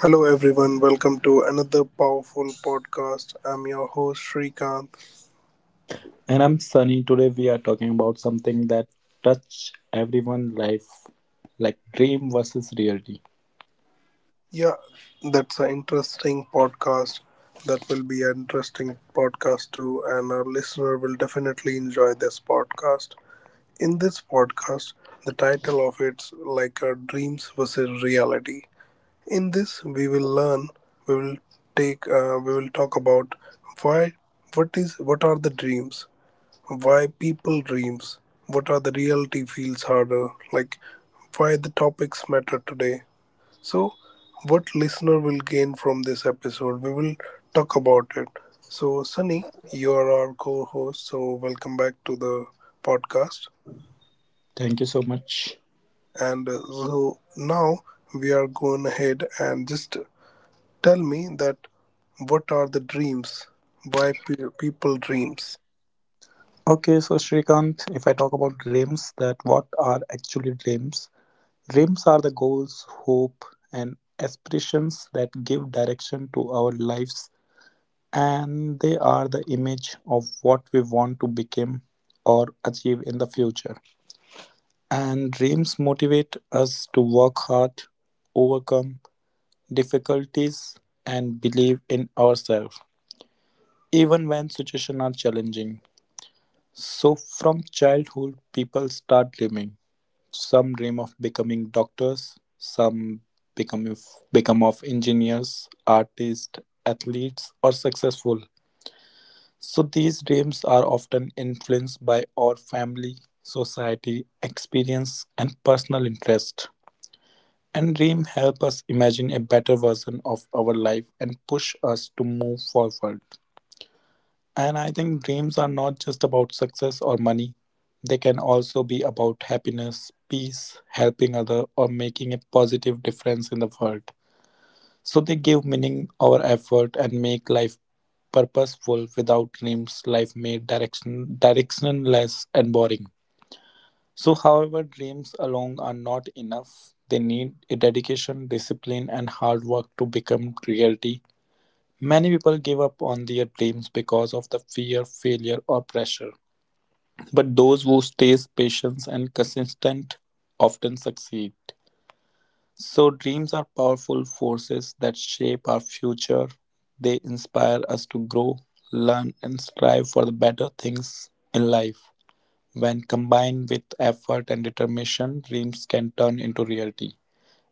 Hello, everyone. Welcome to another powerful podcast. I'm your host, Shrikant. And I'm Sunny. Today we are talking about something that touch everyone life, like dream versus reality. Yeah, that's an interesting podcast. That will be an interesting podcast too, and our listener will definitely enjoy this podcast. In this podcast, the title of it's like our dreams versus reality. In this, we will learn. We will take. We will talk about why. What is? What are the dreams? Why people dreams, what are the reality feels harder, like why the topics matter today. So, what listener will gain from this episode? We will talk about it. So, Sunny, you are our co-host, so welcome back to the podcast. Thank you so much. And so now we are going ahead and just tell me that what are the dreams? Why people dreams? Okay, so Shrikant, if I talk about dreams, that what are actually dreams? Dreams are the goals, hope, and aspirations that give direction to our lives, and they are the image of what we want to become or achieve in the future. And dreams motivate us to work hard, overcome, difficulties and believe in ourselves, even when situations are challenging. So, from childhood, people start dreaming. Some dream of becoming doctors, some become of, become of engineers, artists, athletes, or successful. So, these dreams are often influenced by our family, society, experience, and personal interest. And dreams help us imagine a better version of our life and push us to move forward. And I think dreams are not just about success or money. They can also be about happiness, peace, helping other or making a positive difference in the world. So they give meaning our effort and make life purposeful. Without dreams, life may directionless and boring. So, however, dreams alone are not enough. They need a dedication, discipline, and hard work to become reality. Many people give up on their dreams because of the fear, failure, or pressure. But those who stay patient and consistent often succeed. So, dreams are powerful forces that shape our future. They inspire us to grow, learn, and strive for the better things in life. When combined with effort and determination, dreams can turn into reality.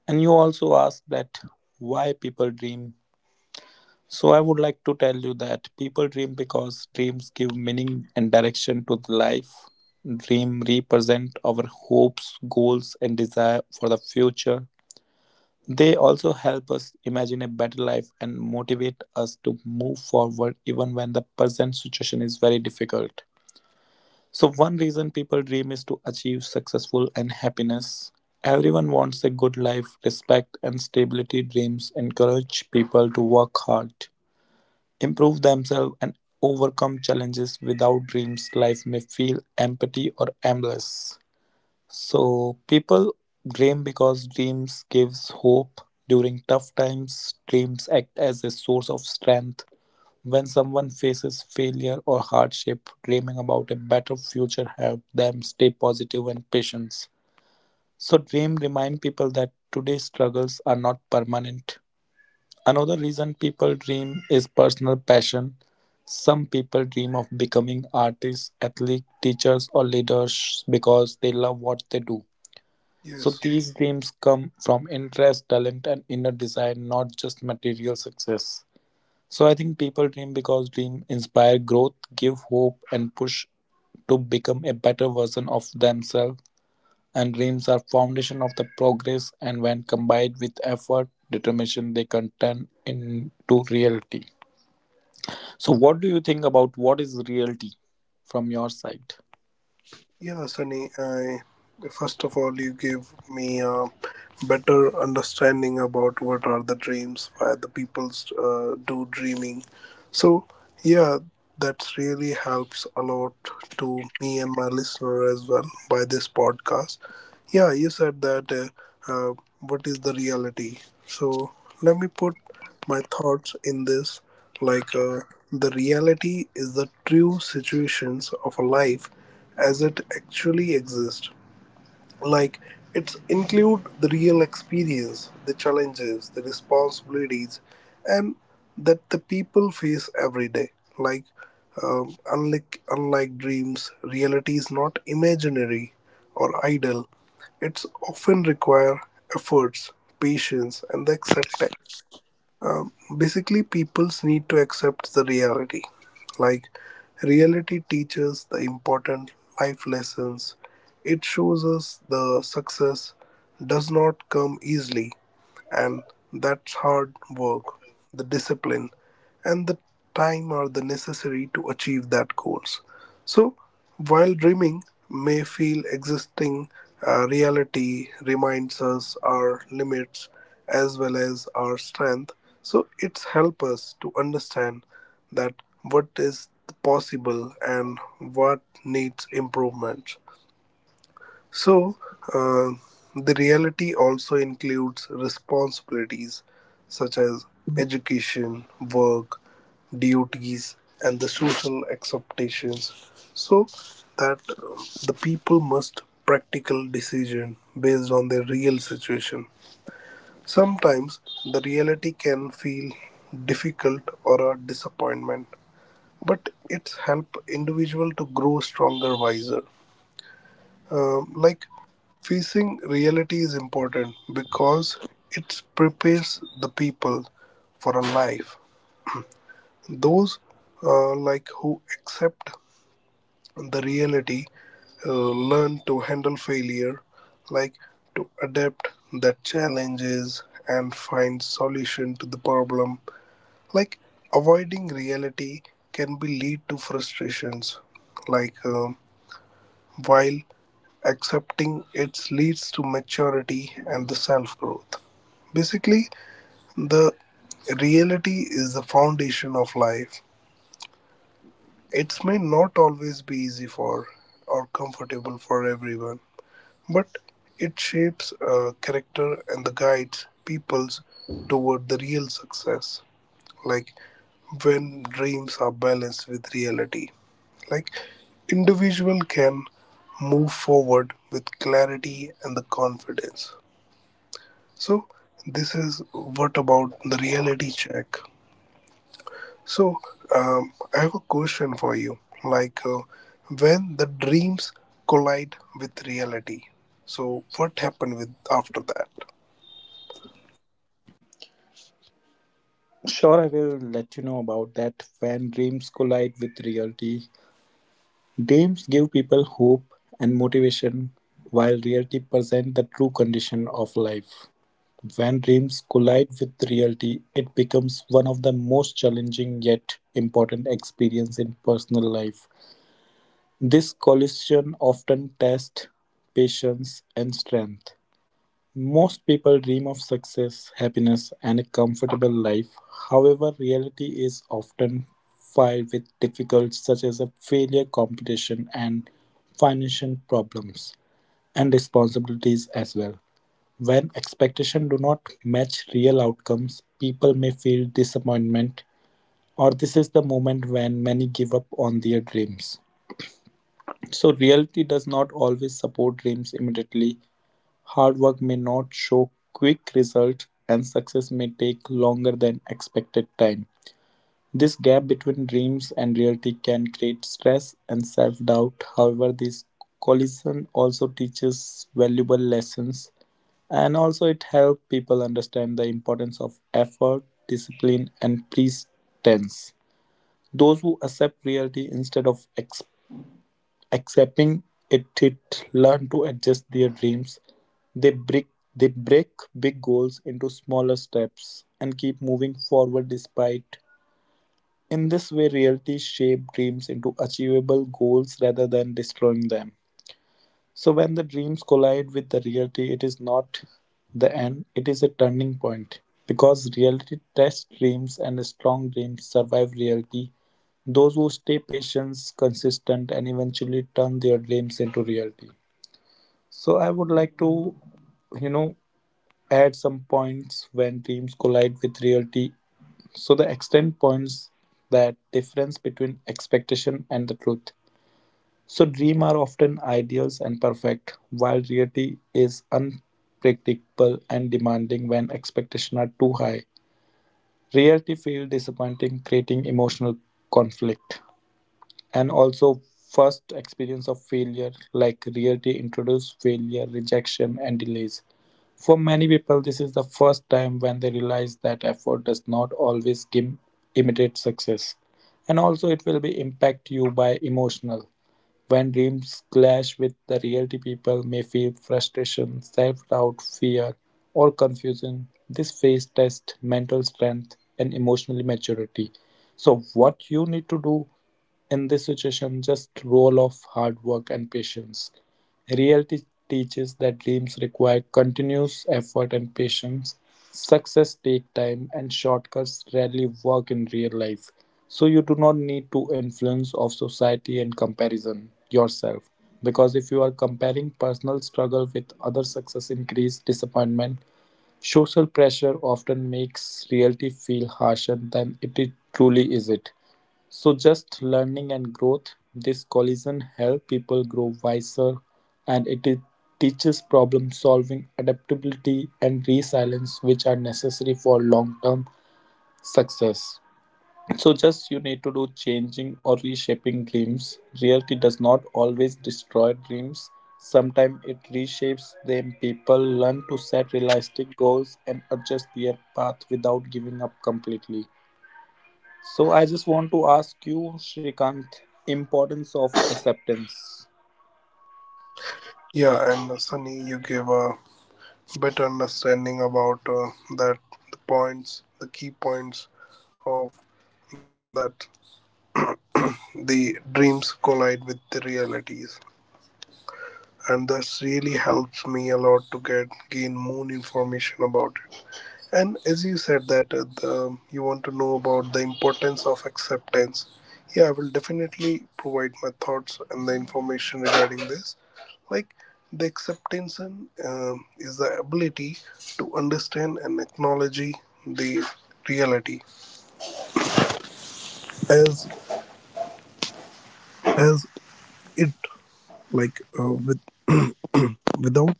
And you also asked that why people dream. So I would like to tell you that people dream because dreams give meaning and direction to the life. Dream represent our hopes, goals and desire for the future. They also help us imagine a better life and motivate us to move forward even when the present situation is very difficult. So one reason people dream is to achieve successful and happiness. Everyone wants a good life, respect and stability. Dreams encourage people to work hard, improve themselves and overcome challenges. Without dreams, life may feel empty or aimless. So people dream because dreams gives hope during tough times. Dreams act as a source of strength when someone faces failure or hardship, dreaming about a better future helps them stay positive and patient. So dream remind people that today's struggles are not permanent. Another reason people dream is personal passion. Some people dream of becoming artists, athletes, teachers or leaders because they love what they do. So Yes. these dreams come from interest, talent and inner desire, not just material success. So I think people dream because dream inspire growth, give hope and push to become a better version of themselves, and dreams are foundation of the progress, and when combined with effort determination they can turn into reality. So what do you think about what is reality from your side? Yeah, Sunny, I first of all you give me a better understanding about what are the dreams, why the people do dreaming. So yeah, that really helps a lot to me and my listener as well by this podcast. Yeah, you said that uh, uh, what is the reality? So let me put my thoughts in this like uh, the reality is the true situations of a life as it actually exists, like it's include the real experience, the challenges, the responsibilities and that the people face every day. Like um, unlike unlike dreams, reality is not imaginary or idle. It's often require efforts, patience and the acceptance. Basically, people's need to accept the reality. Like reality teaches the important life lessons. It shows us the success does not come easily, and that's hard work, the discipline, and the time are the necessary to achieve that goals. So while dreaming may feel existing, reality reminds us our limits as well as our strength. So it's help us to understand that what is possible and what needs improvement. So, uh, the reality also includes responsibilities such as education, work, duties, and the social acceptations. So that the people must practical decision based on their real situation. Sometimes the reality can feel difficult or a disappointment, but it's help individual to grow stronger, wiser. Like facing reality is important because it prepares the people for a life. Those Like who accept the reality learn to handle failure, like to adapt the challenges and find solution to the problem. Like avoiding reality can be lead to frustrations, like. um while accepting it leads to maturity and the self growth. Basically, the reality is the foundation of life. It may not always be easy for or comfortable for everyone, but it shapes character and the guides peoples toward the real success, like when dreams are balanced with reality. Like individual can move forward with clarity and the confidence. So this is what about the reality check. So, I have a question for you. When the dreams collide with reality. So what happened with after that? Sure, I will let you know about that. When dreams collide with reality, dreams give people hope and motivation, while reality presents the true condition of life. When dreams collide with reality, it becomes one of the most challenging yet important experience in personal life. This collision often tests patience and strength. Most people dream of success, happiness, and a comfortable life. However, reality is often filled with difficulties such as a failure, competition, and financial problems, and responsibilities as well. When expectations do not match real outcomes, people may feel disappointment, or this is the moment when many give up on their dreams. So, reality does not always support dreams immediately. Hard work may not show quick results and success may take longer than expected time. This gap between dreams and reality can create stress and self doubt. However, this collision also teaches valuable lessons and also it helps people understand the importance of effort, discipline, and persistence. Those who accept reality instead of expectations, accepting it, learn to adjust their dreams. They break they break big goals into smaller steps and keep moving forward despite. In this way reality shape dreams into achievable goals rather than destroying them. So when the dreams collide with the reality, it is not the end, it is a turning point. Because reality tests dreams and strong dreams survive reality. Those who stay patient, consistent, and eventually turn their dreams into reality. So I would like to, you know, add some points when dreams collide with reality. So the extent points that difference between expectation and the truth. So dreams are often ideal and perfect, while reality is unpredictable and demanding when expectations are too high. Reality feels disappointing, creating emotional conflict. And also first experience of failure, like reality introduces failure, rejection and delays. For many people, this is the first time when they realize that effort does not always give immediate success. And also, it will be impact you by emotional. When dreams clash with the reality people may feel frustration, self-doubt, fear, or confusion. This phase tests mental strength and emotional maturity. So what you need to do in this situation, just roll off hard work and patience. Reality teaches that dreams require continuous effort and patience. Success takes time and shortcuts rarely work in real life. So you do not need to influence of society and comparison yourself. Because if you are comparing personal struggle with other success increase disappointment. Social pressure often makes reality feel harsher than truly is it. So just learning and growth, this collision help people grow wiser and teaches problem solving, adaptability and resilience which are necessary for long-term success. So just you need to do changing or reshaping dreams. Reality does not always destroy dreams. Sometimes it reshapes them. People learn to set realistic goals and adjust their path without giving up completely. So I just want to ask you, Shrikant, importance of acceptance. Yeah, and Sunny, you gave a better understanding about that the points, the key points of that the dreams collide with the realities, and this really helps me a lot to get more information about it. And as you said that you want to know about the importance of acceptance, yeah, I will definitely provide my thoughts and the information regarding this. Like the acceptance is the ability to understand and acknowledge the reality as as it, with without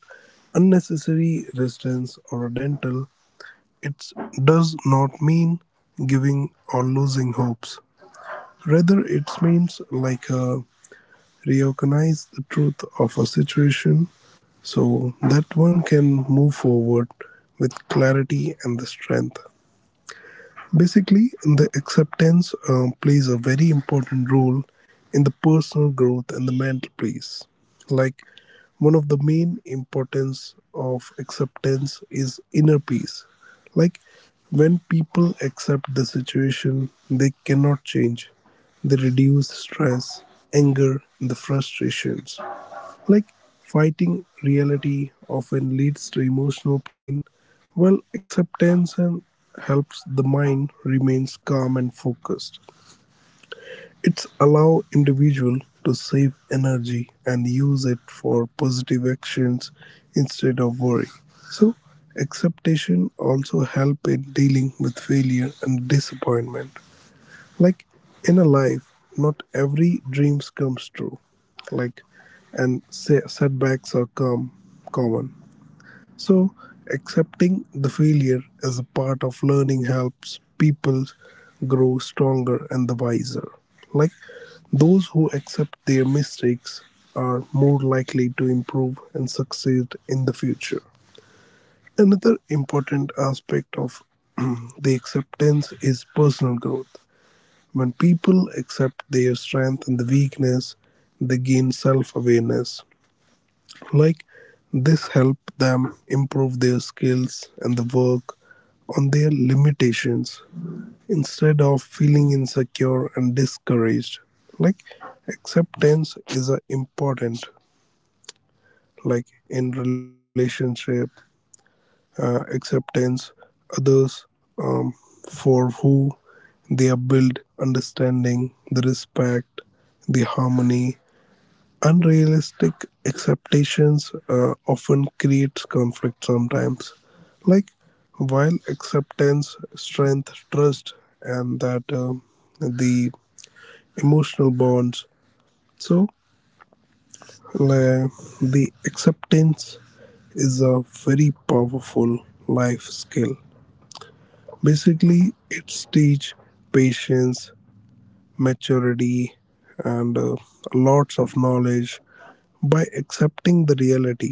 unnecessary resistance or dental. It does not mean giving or losing hopes. Rather, it means recognize the truth of a situation so that one can move forward with clarity and the strength. Basically, the acceptance plays a very important role in the personal growth and the mental peace. Like one of the main importance of acceptance is inner peace. Like when people accept the situation they cannot change, they reduce stress, anger, and the frustrations. Like fighting reality often leads to emotional pain, while acceptance and helps the mind remains calm and focused. It's allow individual to save energy and use it for positive actions instead of worry. So acceptation also help in dealing with failure and disappointment, like in a life not every dreams comes true, like, and say setbacks are common. So accepting the failure as a part of learning helps people grow stronger and the wiser. Like those who accept their mistakes are more likely to improve and succeed in the future. Another important aspect of the acceptance is personal growth. When people accept their strength and the weakness, they gain self awareness. Like this help them improve their skills and the work on their limitations instead of feeling insecure and discouraged. Like acceptance is a important, like in relationship. Acceptance others, um, for who they are built, understanding, the respect, the harmony. Unrealistic expectations often creates conflict sometimes. Like while acceptance, strength, trust, and that the emotional bonds. So like, the acceptance is a very powerful life skill. Basically, it's teach patience, maturity, and lots of knowledge by accepting the reality,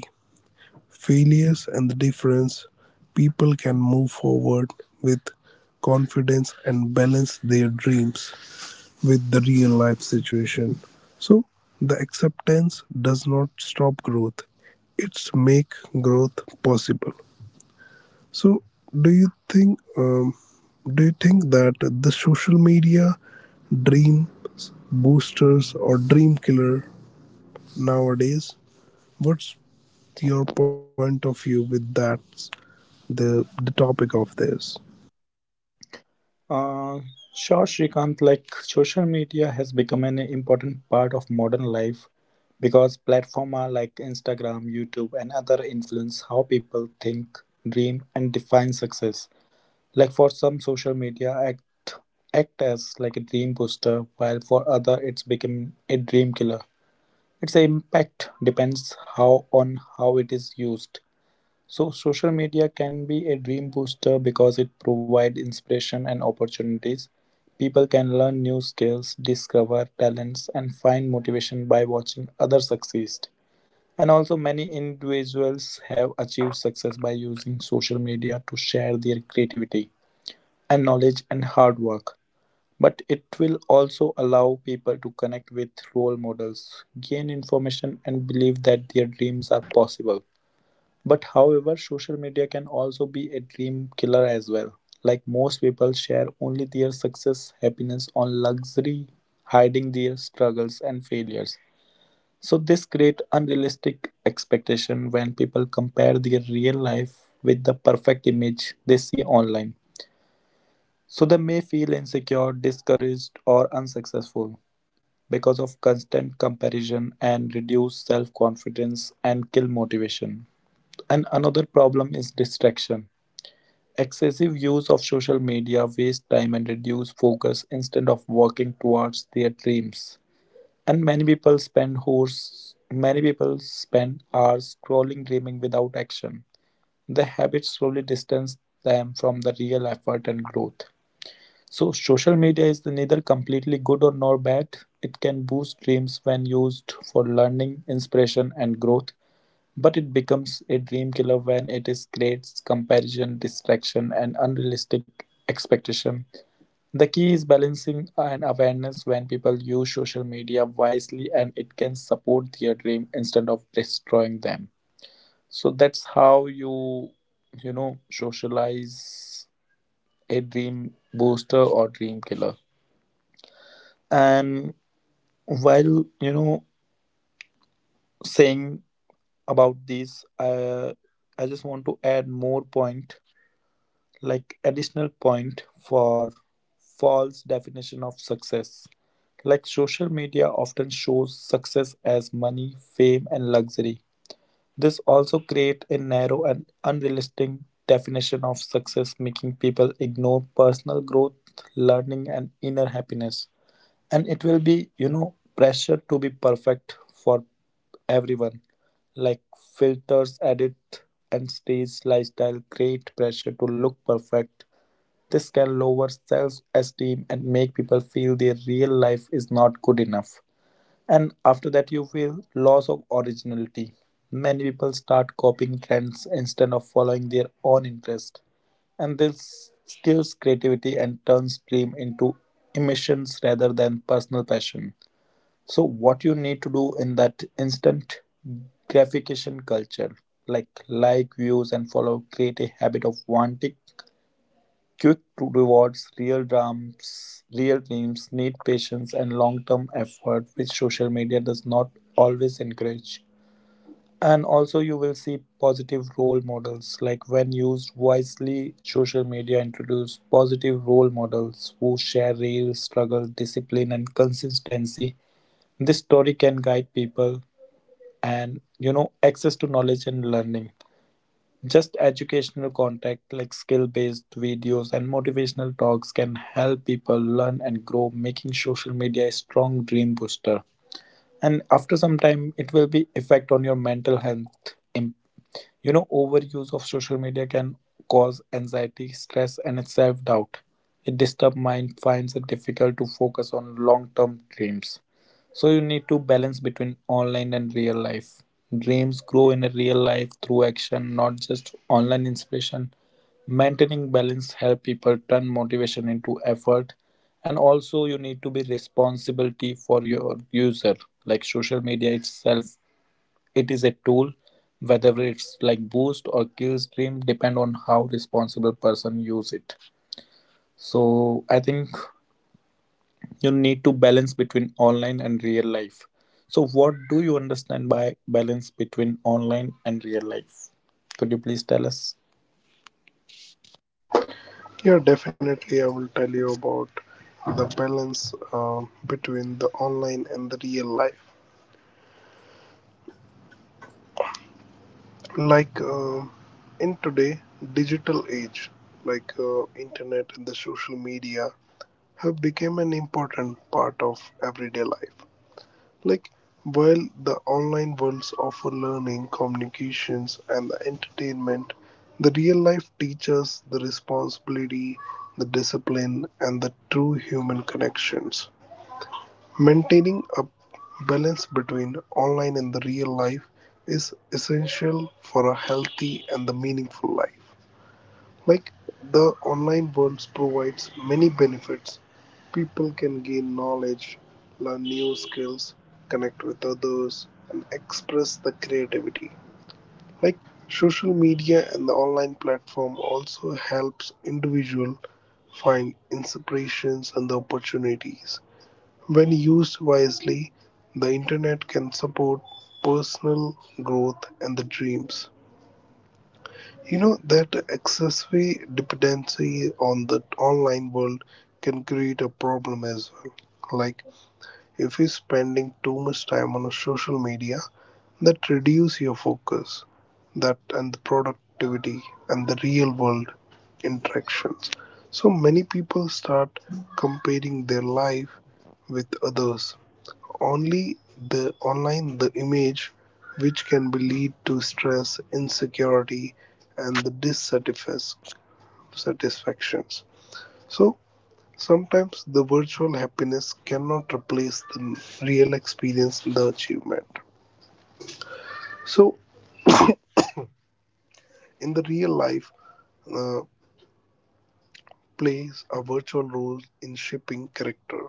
failures, and the difference. People can move forward with confidence and balance their dreams with the real life situation. So, the acceptance does not stop growth; it's make growth possible. So, do you think um, do you think that the social media dream boosters or dream killer nowadays? What's your point of view with that the the topic of this? Uh, sure, Shrikant, like social media has become an important part of modern life because platforms like Instagram, YouTube, and other influence how people think, dream, and define success. Like for some, social media act as like a dream booster, while for other, it's become a dream killer. Its impact depends how on how it is used. So social media can be a dream booster because it provides inspiration and opportunities. People can learn new skills, discover talents, and find motivation by watching others succeed. And also, many individuals have achieved success by using social media to share their creativity and knowledge and hard work. But it will also allow people to connect with role models, gain information, and believe that their dreams are possible. But however, social media can also be a dream killer as well. Like most people share only their success, happiness on luxury, hiding their struggles and failures. So this create unrealistic expectation when people compare their real life with the perfect image they see online. So they may feel insecure, discouraged or unsuccessful because of constant comparison and reduce self-confidence and kill motivation. And another problem is distraction. Excessive use of social media wastes time and reduces focus instead of working towards their dreams. And many people spend hours scrolling dreaming without action. The habit slowly distance them from the real effort and growth. So social media is neither completely good or nor bad. It can boost dreams when used for learning, inspiration and growth. But it becomes a dream killer when it is creates comparison, distraction, and unrealistic expectation. The key is balancing and awareness when people use social media wisely and it can support their dream instead of destroying them. So that's how you you know socialize a dream booster or dream killer. And while saying about this, I just want to add more point like additional point for false definition of success, like social media often shows success as money fame and luxury. This also create a narrow and unrealistic definition of success making people ignore personal growth learning and inner happiness. And it will be, pressure to be perfect for everyone, like filters edit and stage lifestyle create pressure to look perfect. This can lower self-esteem and make people feel their real life is not good enough. And after that, you feel loss of originality. Many people start copying trends instead of following their own interest. And this steals creativity and turns dream into emissions rather than personal passion. So, what you need to do in that instant gratification culture, like views and follow, create a habit of wanting quick rewards. Real dreams need patience and long-term effort, which social media does not always encourage. And also, you will see positive role models. Like when used wisely, social media introduce positive role models who share real struggle, discipline, and consistency. This story can guide people and, access to knowledge and learning. Just educational content like skill-based videos and motivational talks can help people learn and grow, making social media a strong dream booster. And after some time, it will be effect on your mental health. Overuse of social media can cause anxiety, stress, and self doubt. A disturbed mind finds it difficult to focus on long term dreams. So, you need to balance between online and real life. Dreams grow in a real life through action, not just online inspiration. Maintaining balance help people turn motivation into effort. And also, you need to be responsibility for your user. Like social media itself, it is a tool, whether it's like boost or kill stream, depend on how responsible person use it. So I think you need to balance between online and real life. So what do you understand by balance between online and real life? Could you please tell us? Yeah, definitely. I will tell you about the balance between the online and the real life. Like uh, in today digital age, internet and the social media have become an important part of everyday life. Like while the online worlds offer learning, communications, and the entertainment, the real life teaches the responsibility, the discipline, and the true human connections. Maintaining a balance between online and the real life is essential for a healthy and the meaningful life. Like the online world provides many benefits. People can gain knowledge, learn new skills, connect with others, and express the creativity. Like social media and the online platform also helps individual find inspirations and the opportunities. When used wisely, the internet can support personal growth and the dreams. You know that excessive dependency on the online world can create a problem as well. Like if you're spending too much time on a social media, that reduce your focus, that and the productivity and the real world interactions. So many people start comparing their life with others, only the online the image, which can be lead to stress, insecurity and the dissatisfactions. So sometimes the virtual happiness cannot replace the real experience the achievement. So in the real life, uh, plays a virtual role in shaping character,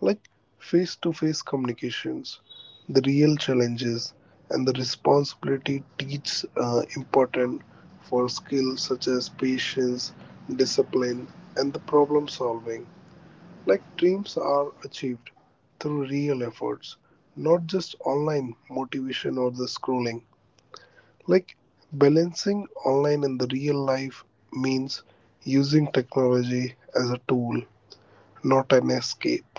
like face to face communications, the real challenges, and the responsibility teach important for skills such as patience, discipline, and the problem solving. Like dreams are achieved through real efforts, not just online motivation or the scrolling. Like balancing online and the real life means using technology as a tool, not an escape.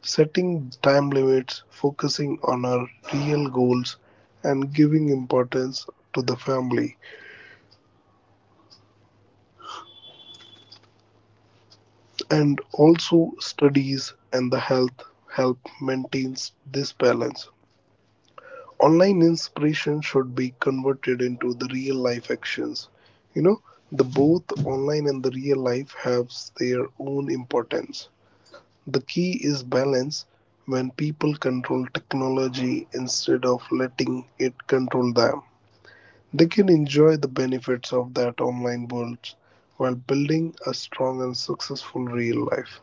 Setting time limits, focusing on our real goals, and giving importance to the family and also studies and the health help maintains this balance. Online inspiration should be converted into the real life actions. You know, the both online and the real life have their own importance. The key is balance. When people control technology instead of letting it control them, they can enjoy the benefits of that online world while building a strong and successful real life.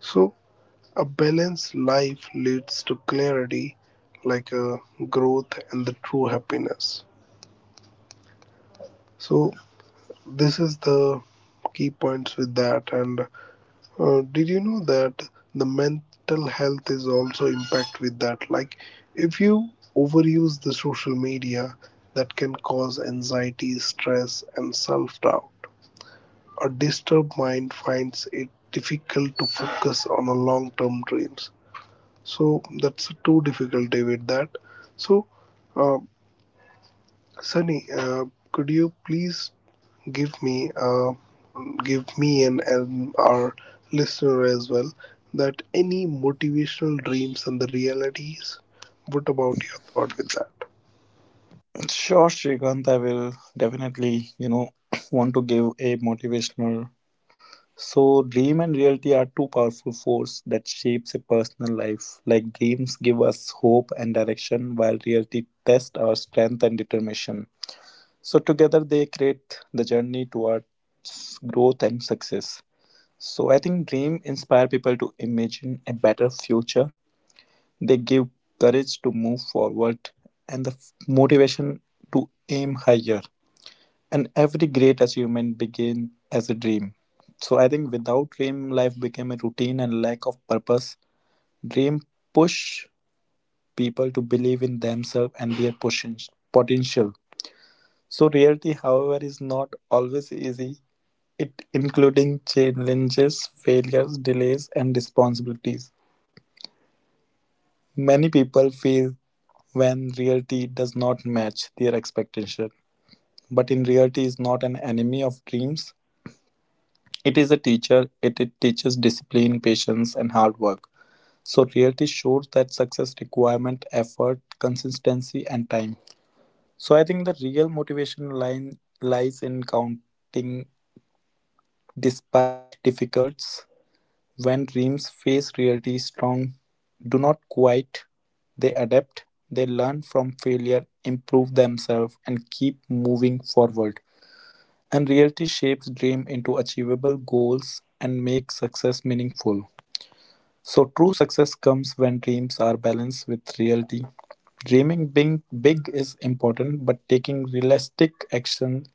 So, a balanced life leads to clarity, like a growth and the true happiness. So, this is the key points with that, and uh, did you know that the mental health is also impact with that? Like, if you overuse the social media, that can cause anxiety, stress, and self doubt. A disturbed mind finds it difficult to focus on a long term dreams. So that's too difficult, David. That. So, uh, Sunny, could you please give me uh, give me and our listener as well that any motivational dreams and the realities, what about your thought with that? Sure, Shrikant, I will definitely, want to give a motivational. So, dream and reality are two powerful forces that shapes a personal life. Like dreams give us hope and direction, while reality tests our strength and determination. So, together they create the journey towards growth and success. So, I think dream inspire people to imagine a better future. They give courage to move forward and the motivation to aim higher. And every great achievement began as a dream. So I think without dream, life became a routine and lack of purpose. Dream push people to believe in themselves and their potential. So reality, however, is not always easy. It including challenges, failures, delays, and responsibilities. Many people feel when reality does not match their expectation. But in reality is not an enemy of dreams. It is a teacher, it teaches discipline, patience, and hard work. So reality shows that success requirement effort, consistency, and time. So I think the real motivation line lies in counting despite difficulties. When dreams face reality strong, do not quit, they adapt, they learn from failure, improve themselves, and keep moving forward. And reality shapes dream into achievable goals and makes success meaningful. So true success comes when dreams are balanced with reality. Dreaming being big is important, but taking realistic action,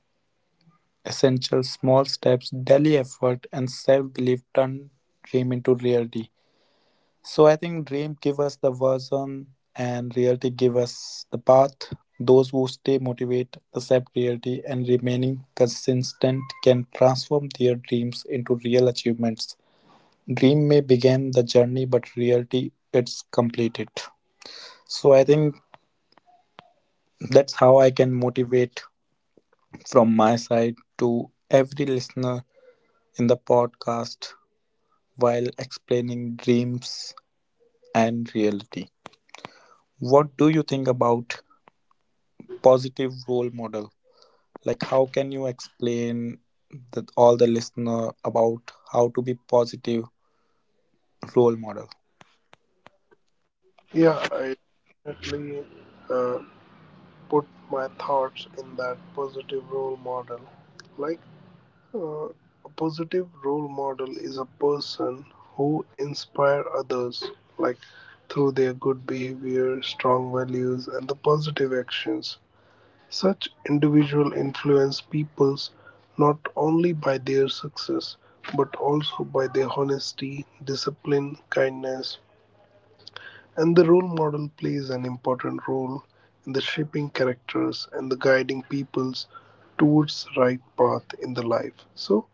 essential small steps, daily effort, and self-belief turn dream into reality. So I think dream give us the vision and reality give us the path. Those who stay motivated, accept reality, and remaining consistent can transform their dreams into real achievements. Dream may begin the journey, but reality it's complete it. So I think that's how I can motivate from my side to every listener in the podcast while explaining dreams and reality. What do you think about positive role model? Like how can you explain that all the listener about how to be positive role model? Yeah, I definitely, uh, put my thoughts in that positive role model, like uh, a positive role model is a person who inspire others, like through their good behavior, strong values and the positive actions. Such individuals influence peoples not only by their success but also by their honesty, discipline, kindness, and the role model plays an important role in the shaping characters and the guiding peoples towards the right path in the life. So,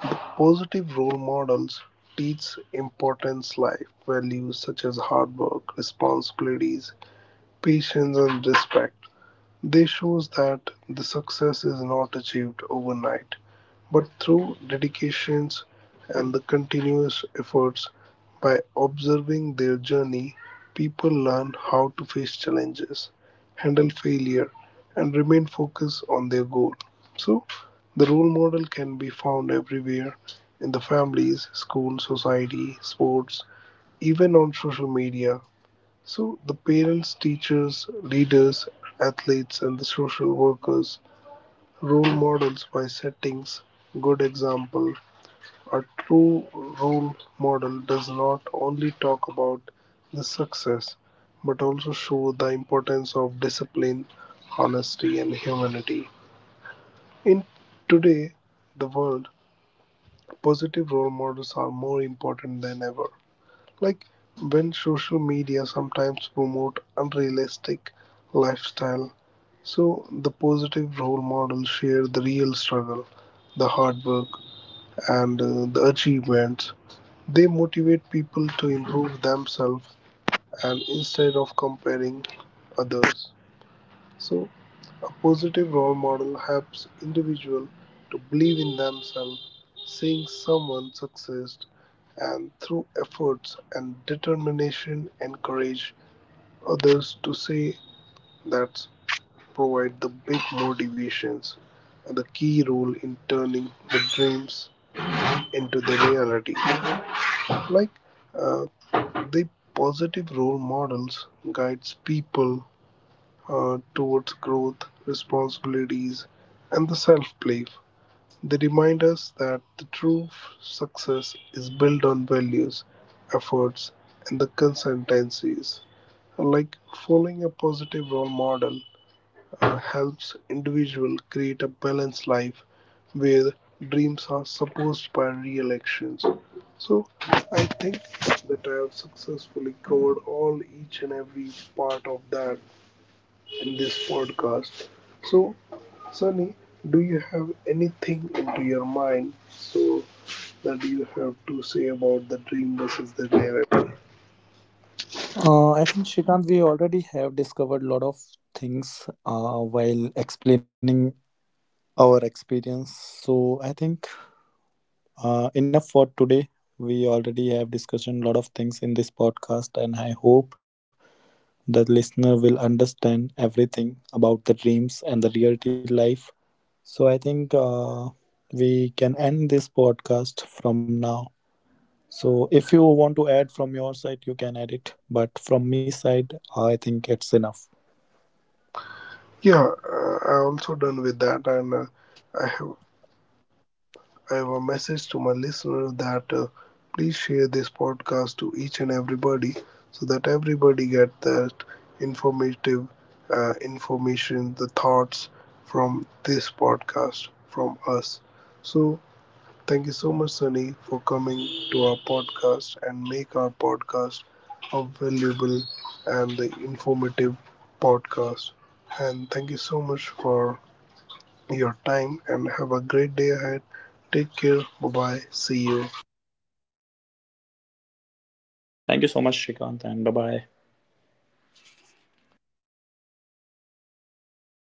positive role models teach importance life values such as hard work, responsibilities, patience, and respect. They shows that the success is not achieved overnight, but through dedications and the continuous efforts. By observing their journey, people learn how to face challenges, handle failure, and remain focused on their goal. So, the role model can be found everywhere, in the families, school, society, sports, even on social media. So the parents, teachers, leaders, athletes, and the social workers, role models by settings, good example. A true role model does not only talk about the success, but also show the importance of discipline, honesty, and humanity. In today, the world, positive role models are more important than ever. Like when social media sometimes promote unrealistic lifestyle, so the positive role models share the real struggle, the hard work, and the achievements. They motivate people to improve themselves and instead of comparing others. So, a positive role model helps individual to believe in themselves, seeing someone success and through efforts and determination encourage others to say that provide the big motivations and the key role in turning the dreams into the reality. Like uh, the positive role models guides people towards growth, responsibilities, and the self belief. They remind us that the true success is built on values, efforts, and the consistencies. Like following a positive role model helps individual create a balanced life where dreams are supported by real actions. So I think that I have successfully covered all each and every part of that in this podcast. So, Sunny, do you have anything into your mind so that you have to say about the dream versus the reality? I think Shrikant, we already have discovered a lot of things while explaining our experience. So I think enough for today. We already have discussed a lot of things in this podcast, and I hope the listener will understand everything about the dreams and the reality life. So I think we can end this podcast from now. So if you want to add from your side, you can add it. But from me side, I think it's enough. Yeah, I also done with that, and I have I have a message to my listeners that please share this podcast to each and everybody so that everybody get that informative information, the thoughts from this podcast from us. So thank you so much, Sunny, for coming to our podcast and make our podcast a valuable and informative podcast. And thank you so much for your time and have a great day ahead. Take care. Bye bye. See you. Thank you so much, Shrikant, and bye bye.